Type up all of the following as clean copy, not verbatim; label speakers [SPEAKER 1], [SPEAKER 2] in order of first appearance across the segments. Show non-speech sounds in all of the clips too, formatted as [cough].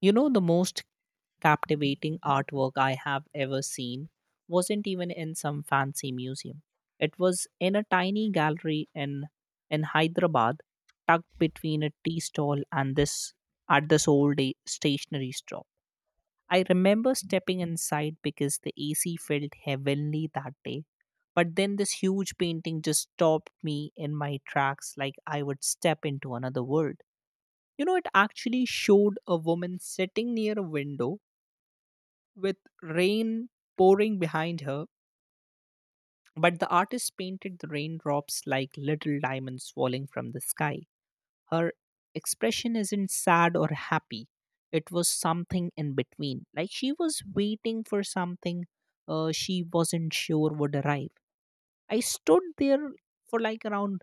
[SPEAKER 1] You know, the most captivating artwork I have ever seen wasn't even in some fancy museum. It was in a tiny gallery in Hyderabad, tucked between a tea stall and this at this old a- stationery shop. I remember stepping inside because the AC felt heavenly that day. But then this huge painting just stopped me in my tracks, like I would step into another world. You know, it actually showed a woman sitting near a window with rain pouring behind her, but the artist painted the raindrops like little diamonds falling from the sky. Her expression isn't sad or happy, it was something in between. Like she was waiting for something she wasn't sure would arrive. I stood there for like around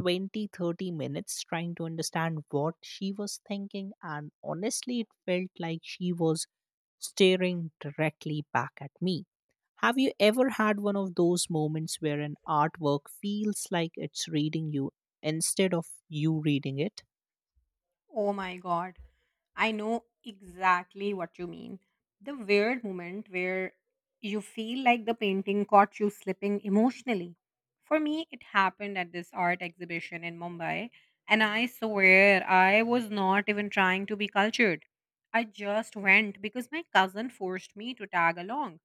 [SPEAKER 1] 20, 30 minutes trying to understand what she was thinking, and honestly it felt like she was staring directly back at me. Have you ever had one of those moments where an artwork feels like it's reading you instead of you reading it?
[SPEAKER 2] Oh my god. I know exactly what you mean. The weird moment where you feel like the painting caught you slipping emotionally. For me, it happened at this art exhibition in Mumbai, and I swear I was not even trying to be cultured. I just went because my cousin forced me to tag along.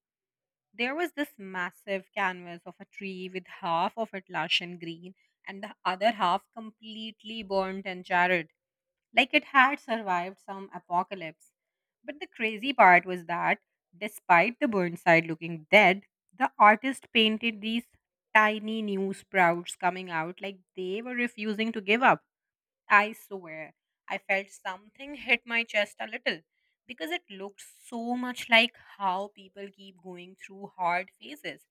[SPEAKER 2] There was this massive canvas of a tree with half of it lush and green and the other half completely burnt and charred like it had survived some apocalypse. But the crazy part was that, despite the Burnside looking dead, the artist painted these tiny new sprouts coming out like they were refusing to give up. I swear, I felt something hit my chest a little because it looked so much like how people keep going through hard phases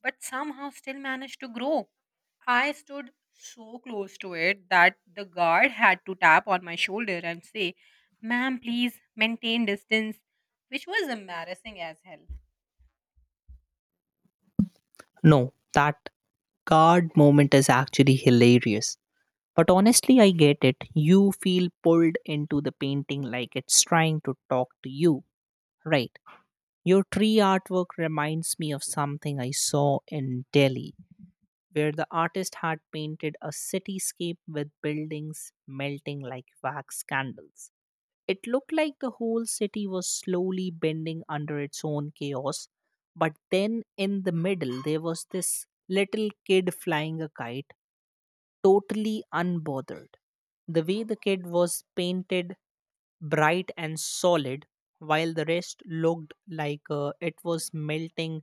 [SPEAKER 2] but somehow still managed to grow. I stood so close to it that the guard had to tap on my shoulder and say, Ma'am, please maintain distance, which was embarrassing as hell.
[SPEAKER 1] No, that guard moment is actually hilarious, but honestly I get it. You feel pulled into the painting like it's trying to talk to you, right? Your tree artwork reminds me of something I saw in Delhi, where the artist had painted a cityscape with buildings melting like wax candles. It looked like the whole city was slowly bending under its own chaos. But then in the middle, there was this little kid flying a kite, totally unbothered. The way the kid was painted bright and solid, while the rest looked like it was melting,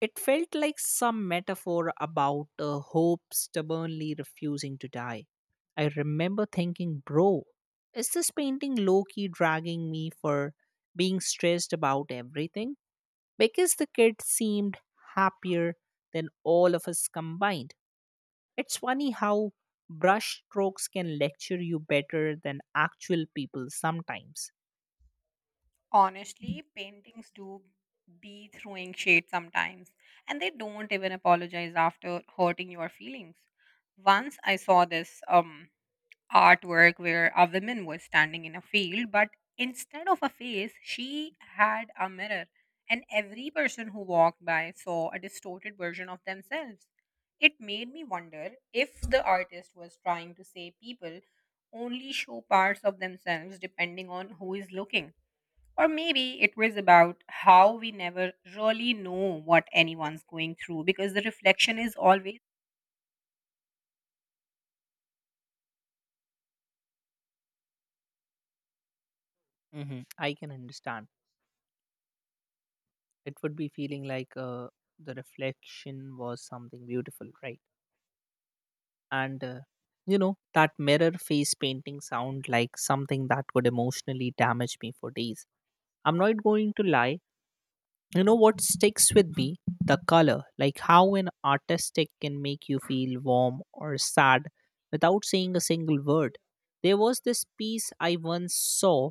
[SPEAKER 1] it felt like some metaphor about hope stubbornly refusing to die. I remember thinking, bro, is this painting low key dragging me for being stressed about everything? Because the kid seemed happier than all of us combined. It's funny how brush strokes can lecture you better than actual people sometimes.
[SPEAKER 2] Honestly, paintings do be throwing shade sometimes, and they don't even apologize after hurting your feelings. Once I saw this artwork where a woman was standing in a field, but instead of a face, she had a mirror, and every person who walked by saw a distorted version of themselves. It made me wonder if the artist was trying to say people only show parts of themselves depending on who is looking. Or maybe it was about how we never really know what anyone's going through because the reflection is always.
[SPEAKER 1] Hmm, I can understand. It would be feeling like the reflection was something beautiful, right? And you know, that mirror face painting sound like something that would emotionally damage me for days, I'm not going to lie. You know what sticks with me? The color, like how an artistic can make you feel warm or sad without saying a single word. There was this piece I once saw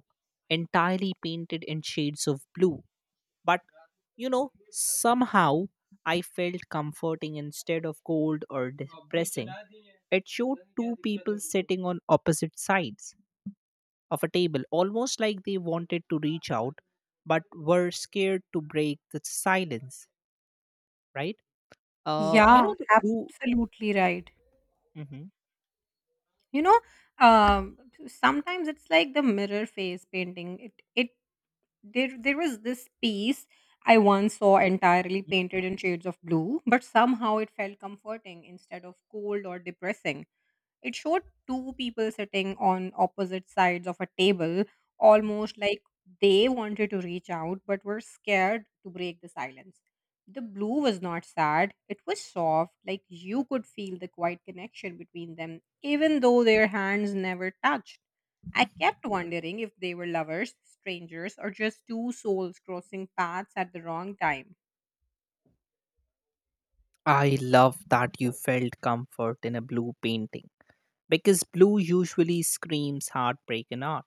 [SPEAKER 1] entirely painted in shades of blue, but you know, somehow I felt comforting instead of cold or depressing. It showed two people sitting on opposite sides of a table, almost like they wanted to reach out but were scared to break the silence, right? You know,
[SPEAKER 2] Yeah,
[SPEAKER 1] the blue.
[SPEAKER 2] absolutely right.
[SPEAKER 1] Mhm.
[SPEAKER 2] you know um Sometimes it's like the mirror face painting it it There was this piece I once saw entirely painted in shades of blue, but somehow it felt comforting instead of cold or depressing. It showed two people sitting on opposite sides of a table, almost like they wanted to reach out but were scared to break the silence. The blue was not sad, it was soft, like you could feel the quiet connection between them, even though their hands never touched. I kept wondering if they were lovers, strangers, or just two souls crossing paths at the wrong time.
[SPEAKER 1] I love that you felt comfort in a blue painting, because blue usually screams heartbreak in art.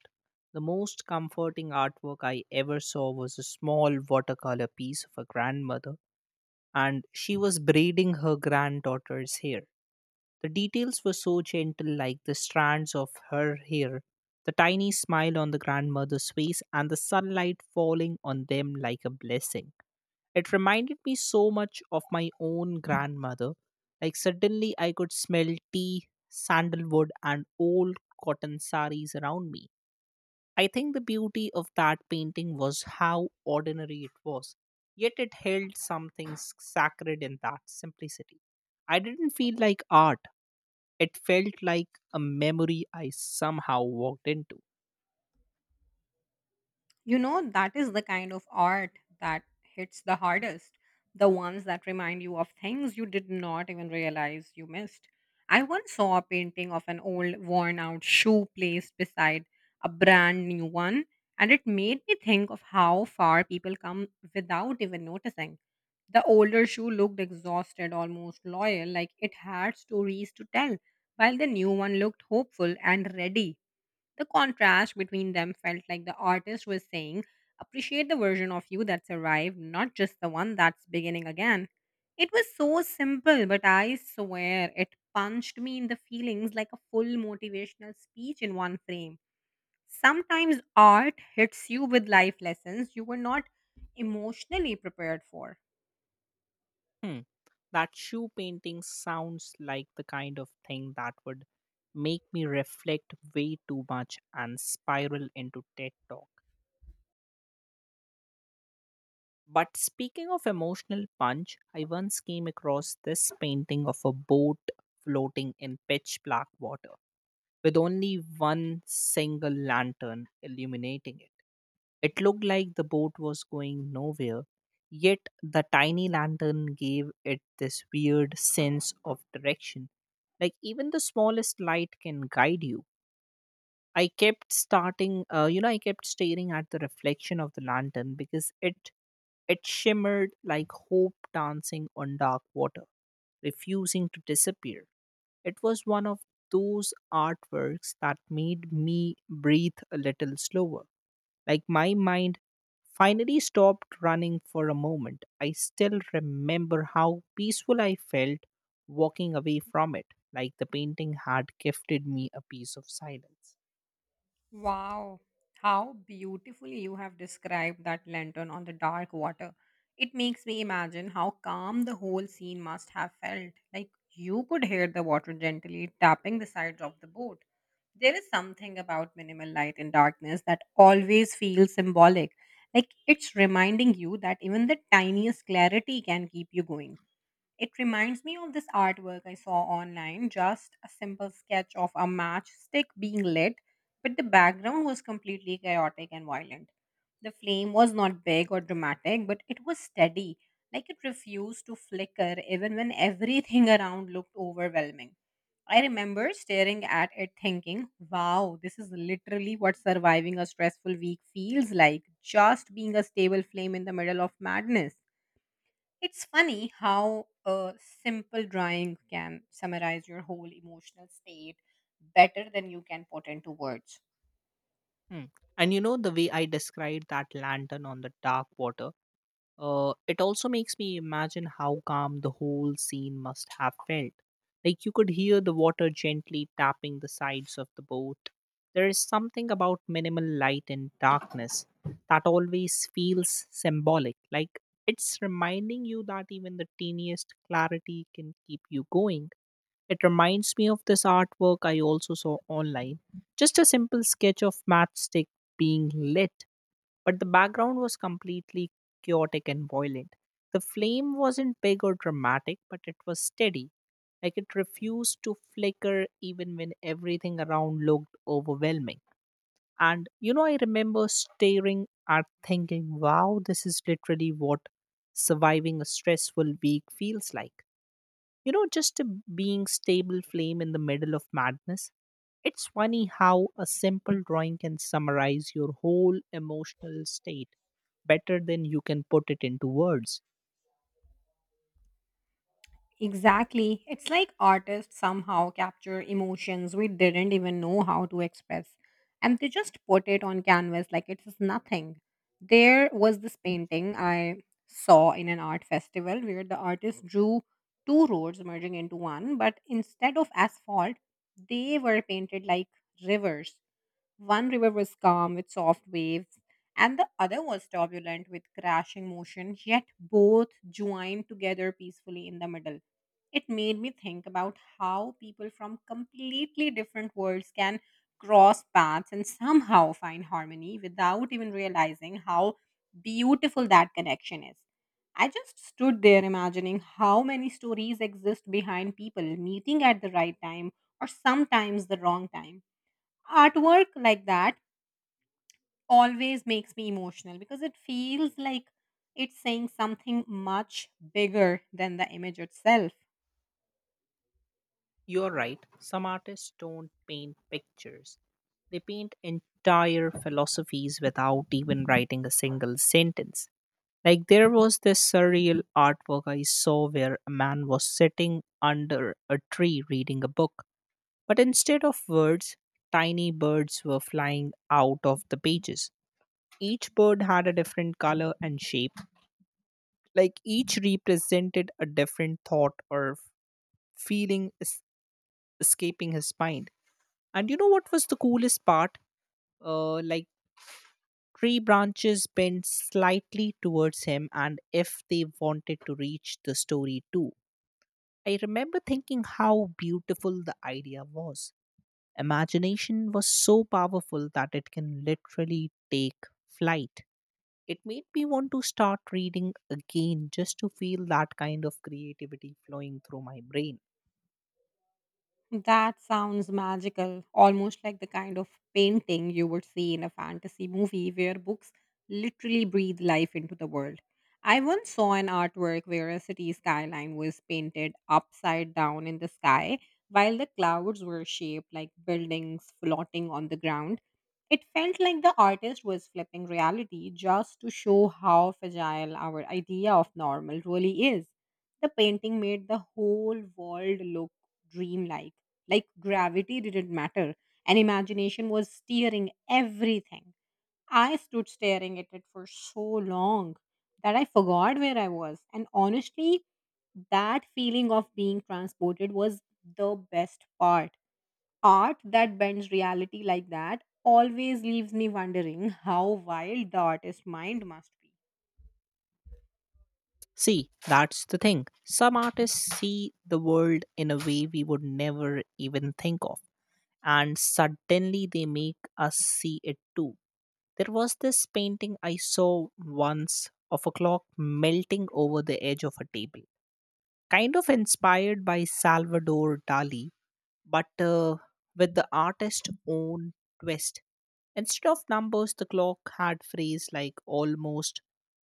[SPEAKER 1] The most comforting artwork I ever saw was a small watercolor piece of a grandmother, and she was braiding her granddaughter's hair. The details were so gentle, like the strands of her hair, the tiny smile on the grandmother's face, and the sunlight falling on them like a blessing. It reminded me so much of my own grandmother. Like suddenly I could smell tea, sandalwood, and old cotton saris around me. I think the beauty of that painting was how ordinary it was, yet it held something sacred in that simplicity. I didn't feel like art, it felt like a memory I somehow walked into.
[SPEAKER 2] You know, that is the kind of art that hits the hardest. The ones that remind you of things you did not even realize you missed. I once saw a painting of an old, worn out shoe placed beside a brand new one, and it made me think of how far people come without even noticing. The older shoe looked exhausted, almost loyal, like it had stories to tell, while the new one looked hopeful and ready. The contrast between them felt like the artist was saying, appreciate the version of you that's arrived, not just the one that's beginning again. It was so simple, but I swear it punched me in the feelings like a full motivational speech in one frame. Sometimes art hits you with life lessons you were not emotionally prepared for.
[SPEAKER 1] Hmm. That shoe painting sounds like the kind of thing that would make me reflect way too much and spiral into TED Talk. But speaking of emotional punch, I once came across this painting of a boat floating in pitch black water with only one single lantern illuminating it. It looked like the boat was going nowhere, yet the tiny lantern gave it this weird sense of direction. Like even the smallest light can guide you. I kept staring at the reflection of the lantern because it shimmered like hope dancing on dark water, refusing to disappear. It was one of those artworks that made me breathe a little slower. Like my mind finally stopped running for a moment. I still remember how peaceful I felt walking away from it, like the painting had gifted me a piece of silence.
[SPEAKER 2] Wow, how beautifully you have described that lantern on the dark water. It makes me imagine how calm the whole scene must have felt. Like you could hear the water gently tapping the sides of the boat. There is something about minimal light in darkness that always feels symbolic. Like it's reminding you that even the tiniest clarity can keep you going. It reminds me of this artwork I saw online, just a simple sketch of a matchstick being lit, but the background was completely chaotic and violent. The flame was not big or dramatic, but it was steady, like it refused to flicker even when everything [laughs] around looked overwhelming. I remember staring at it thinking, wow, this is literally what surviving a stressful week feels like, just being a stable flame in the middle of madness. It's funny how a simple drawing can summarize your whole emotional state better than you can put into words.
[SPEAKER 1] Hmm. And you know, the way I described that lantern on the dark water. It also makes me imagine how calm the whole scene must have felt. Like you could hear the water gently tapping the sides of the boat. There is something about minimal light and darkness that always feels symbolic. Like it's reminding you that even the teeniest clarity can keep you going. It reminds me of this artwork I also saw online. Just a simple sketch of matchstick being lit, but the background was completely chaotic and violent. The flame wasn't big or dramatic, but it was steady. Like it refused to flicker even when everything around looked overwhelming. And you know, I remember staring at thinking, wow, this is literally what surviving a stressful week feels like. You know, just a being stable flame in the middle of madness. It's funny how a simple drawing can summarize your whole emotional state better than you can put it into words.
[SPEAKER 2] Exactly. It's like artists somehow capture emotions we didn't even know how to express. And they just put it on canvas like it is nothing. There was this painting I saw in an art festival where the artist drew two roads merging into one, but instead of asphalt, they were painted like rivers. One river was calm with soft waves, and the other was turbulent with crashing motion, yet both joined together peacefully in the middle. It made me think about how people from completely different worlds can cross paths and somehow find harmony without even realizing how beautiful that connection is. I just stood there imagining how many stories exist behind people meeting at the right time or sometimes the wrong time. Artwork like that always makes me emotional because it feels like it's saying something much bigger than the image itself.
[SPEAKER 1] You're right, some artists don't paint pictures. They paint entire philosophies without even writing a single sentence. Like there was this surreal artwork I saw where a man was sitting under a tree reading a book. But instead of words, tiny birds were flying out of the pages. Each bird had a different color and shape, like each represented a different thought or feeling escaping his mind. And you know what was the coolest part? Like tree branches bent slightly towards him, and if they wanted to reach the story too. I remember thinking how beautiful the idea was. Imagination was so powerful that it can literally take flight. It made me want to start reading again just to feel that kind of creativity flowing through my brain.
[SPEAKER 2] That sounds magical, almost like the kind of painting you would see in a fantasy movie where books literally breathe life into the world. I once saw an artwork where a city skyline was painted upside down in the sky while the clouds were shaped like buildings floating on the ground. It felt like the artist was flipping reality just to show how fragile our idea of normal really is. The painting made the whole world look dreamlike, like gravity didn't matter, and imagination was steering everything. I stood staring at it for so long that I forgot where I was, and honestly, that feeling of being transported was the best part. Art that bends reality like that always leaves me wondering [laughs] how wild the artist's mind must be.
[SPEAKER 1] See, that's the thing. Some artists see the world in a way we would never even think of, and suddenly they make us see it too. There was this painting I saw once of a clock melting over the edge of a table. Kind of inspired by Salvador Dali, but with the artist's own twist. Instead of numbers, the clock had phrases like almost,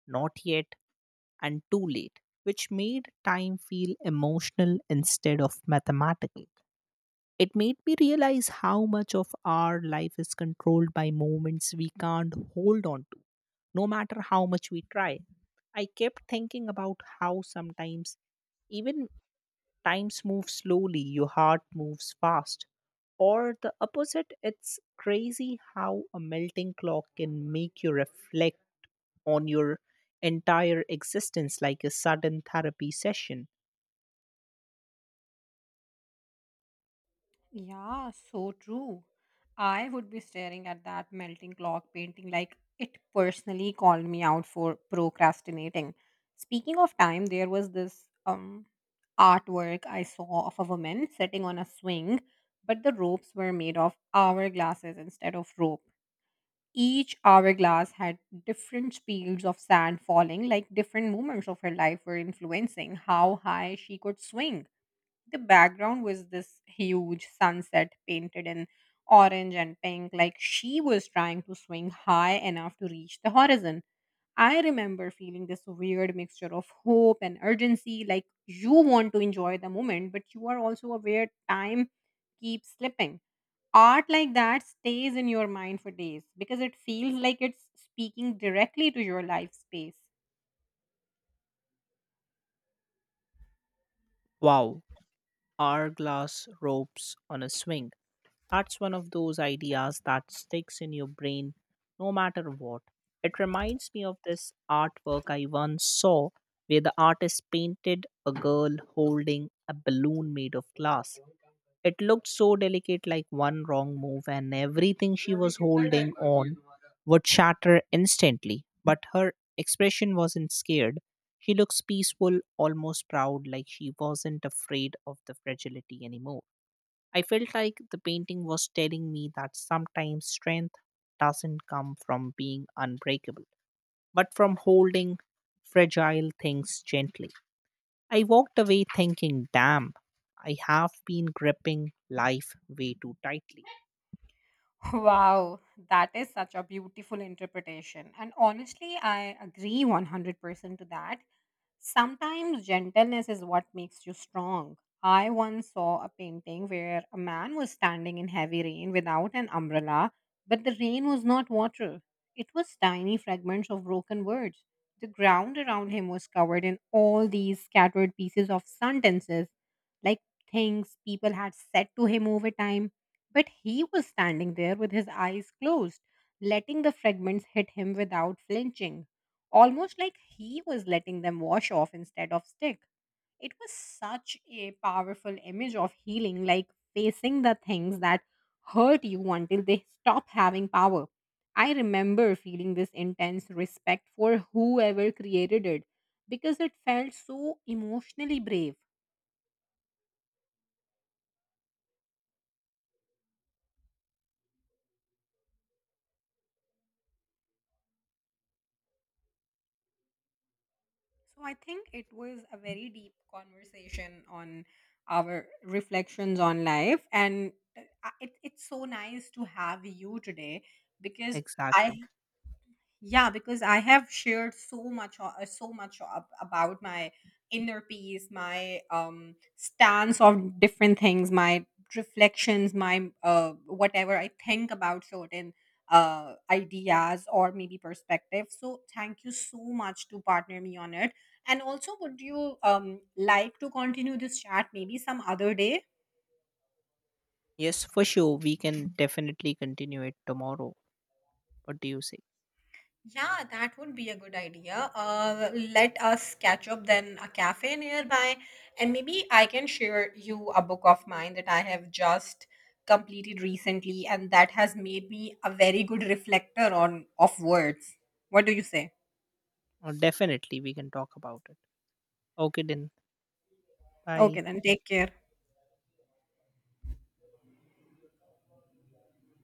[SPEAKER 1] not yet, and too late, which made time feel emotional instead of mathematical. It made me realize how much of our life is controlled by moments we can't hold on to, no matter how much we try. I kept thinking about how sometimes even times move slowly, your heart moves fast. Or the opposite, it's crazy how a melting clock can make you reflect on your entire existence like a sudden therapy session.
[SPEAKER 2] Yeah, so true. I would be staring at that melting clock painting like it personally called me out for procrastinating. Speaking of time, there was this artwork I saw of a woman sitting on a swing, but the ropes were made of hourglasses instead of rope. Each hourglass had different speeds of sand falling, like different moments of her life were influencing how high she could swing. The background was this huge sunset painted in orange and pink, like she was trying to swing high enough to reach the horizon. I remember feeling this weird mixture of hope and urgency, like you want to enjoy the moment, but you are also aware time keeps slipping. Art like that stays in your mind for days because it feels like it's speaking directly to your life space.
[SPEAKER 1] Wow, hourglass ropes on a swing. That's one of those ideas that sticks in your brain no matter what. It reminds me of this artwork I once saw where the artist painted a girl holding a balloon made of glass. It looked so delicate, like one wrong move, and everything she was holding on would shatter instantly. But her expression wasn't scared. She looks peaceful, almost proud, like she wasn't afraid of the fragility anymore. I felt like the painting was telling me that sometimes strength doesn't come from being unbreakable, but from holding fragile things gently. I walked away thinking, damn, I have been gripping life way too tightly.
[SPEAKER 2] [laughs] Wow, that is such a beautiful interpretation. And honestly, I agree 100% to that. Sometimes gentleness is what makes you strong. I once saw a painting where a man was standing in heavy rain without an umbrella, but the rain was not water. It was tiny fragments of broken words. The ground around him was covered in all these scattered pieces of sentences, like things people had said to him over time. But he was standing there with his eyes closed, letting the fragments hit him without flinching, almost like he was letting them wash off instead of stick. It was such a powerful image of healing, like facing the things that hurt you until they stop having power. I remember feeling this intense respect for whoever created it because it felt so emotionally brave. So I think it was a very deep conversation on our reflections on life, and it's so nice to have you today because I
[SPEAKER 1] Exactly.
[SPEAKER 2] yeah, because I have shared so much, so much about my inner peace, my stance on different things, my reflections, my whatever I think about certain ideas or maybe perspective. So thank you so much to partner me on it. And also, would you like to continue this chat maybe some other day?
[SPEAKER 1] Yes, for sure. We can definitely continue it tomorrow. What do you say?
[SPEAKER 2] Yeah, that would be a good idea. Let us catch up then a cafe nearby, and maybe I can share you a book of mine that I have just completed recently, and that has made me a very good reflector on of words. What do you say?
[SPEAKER 1] Or definitely we can talk about it. Okay, then.
[SPEAKER 2] Okay,
[SPEAKER 1] Bye.
[SPEAKER 2] then take care.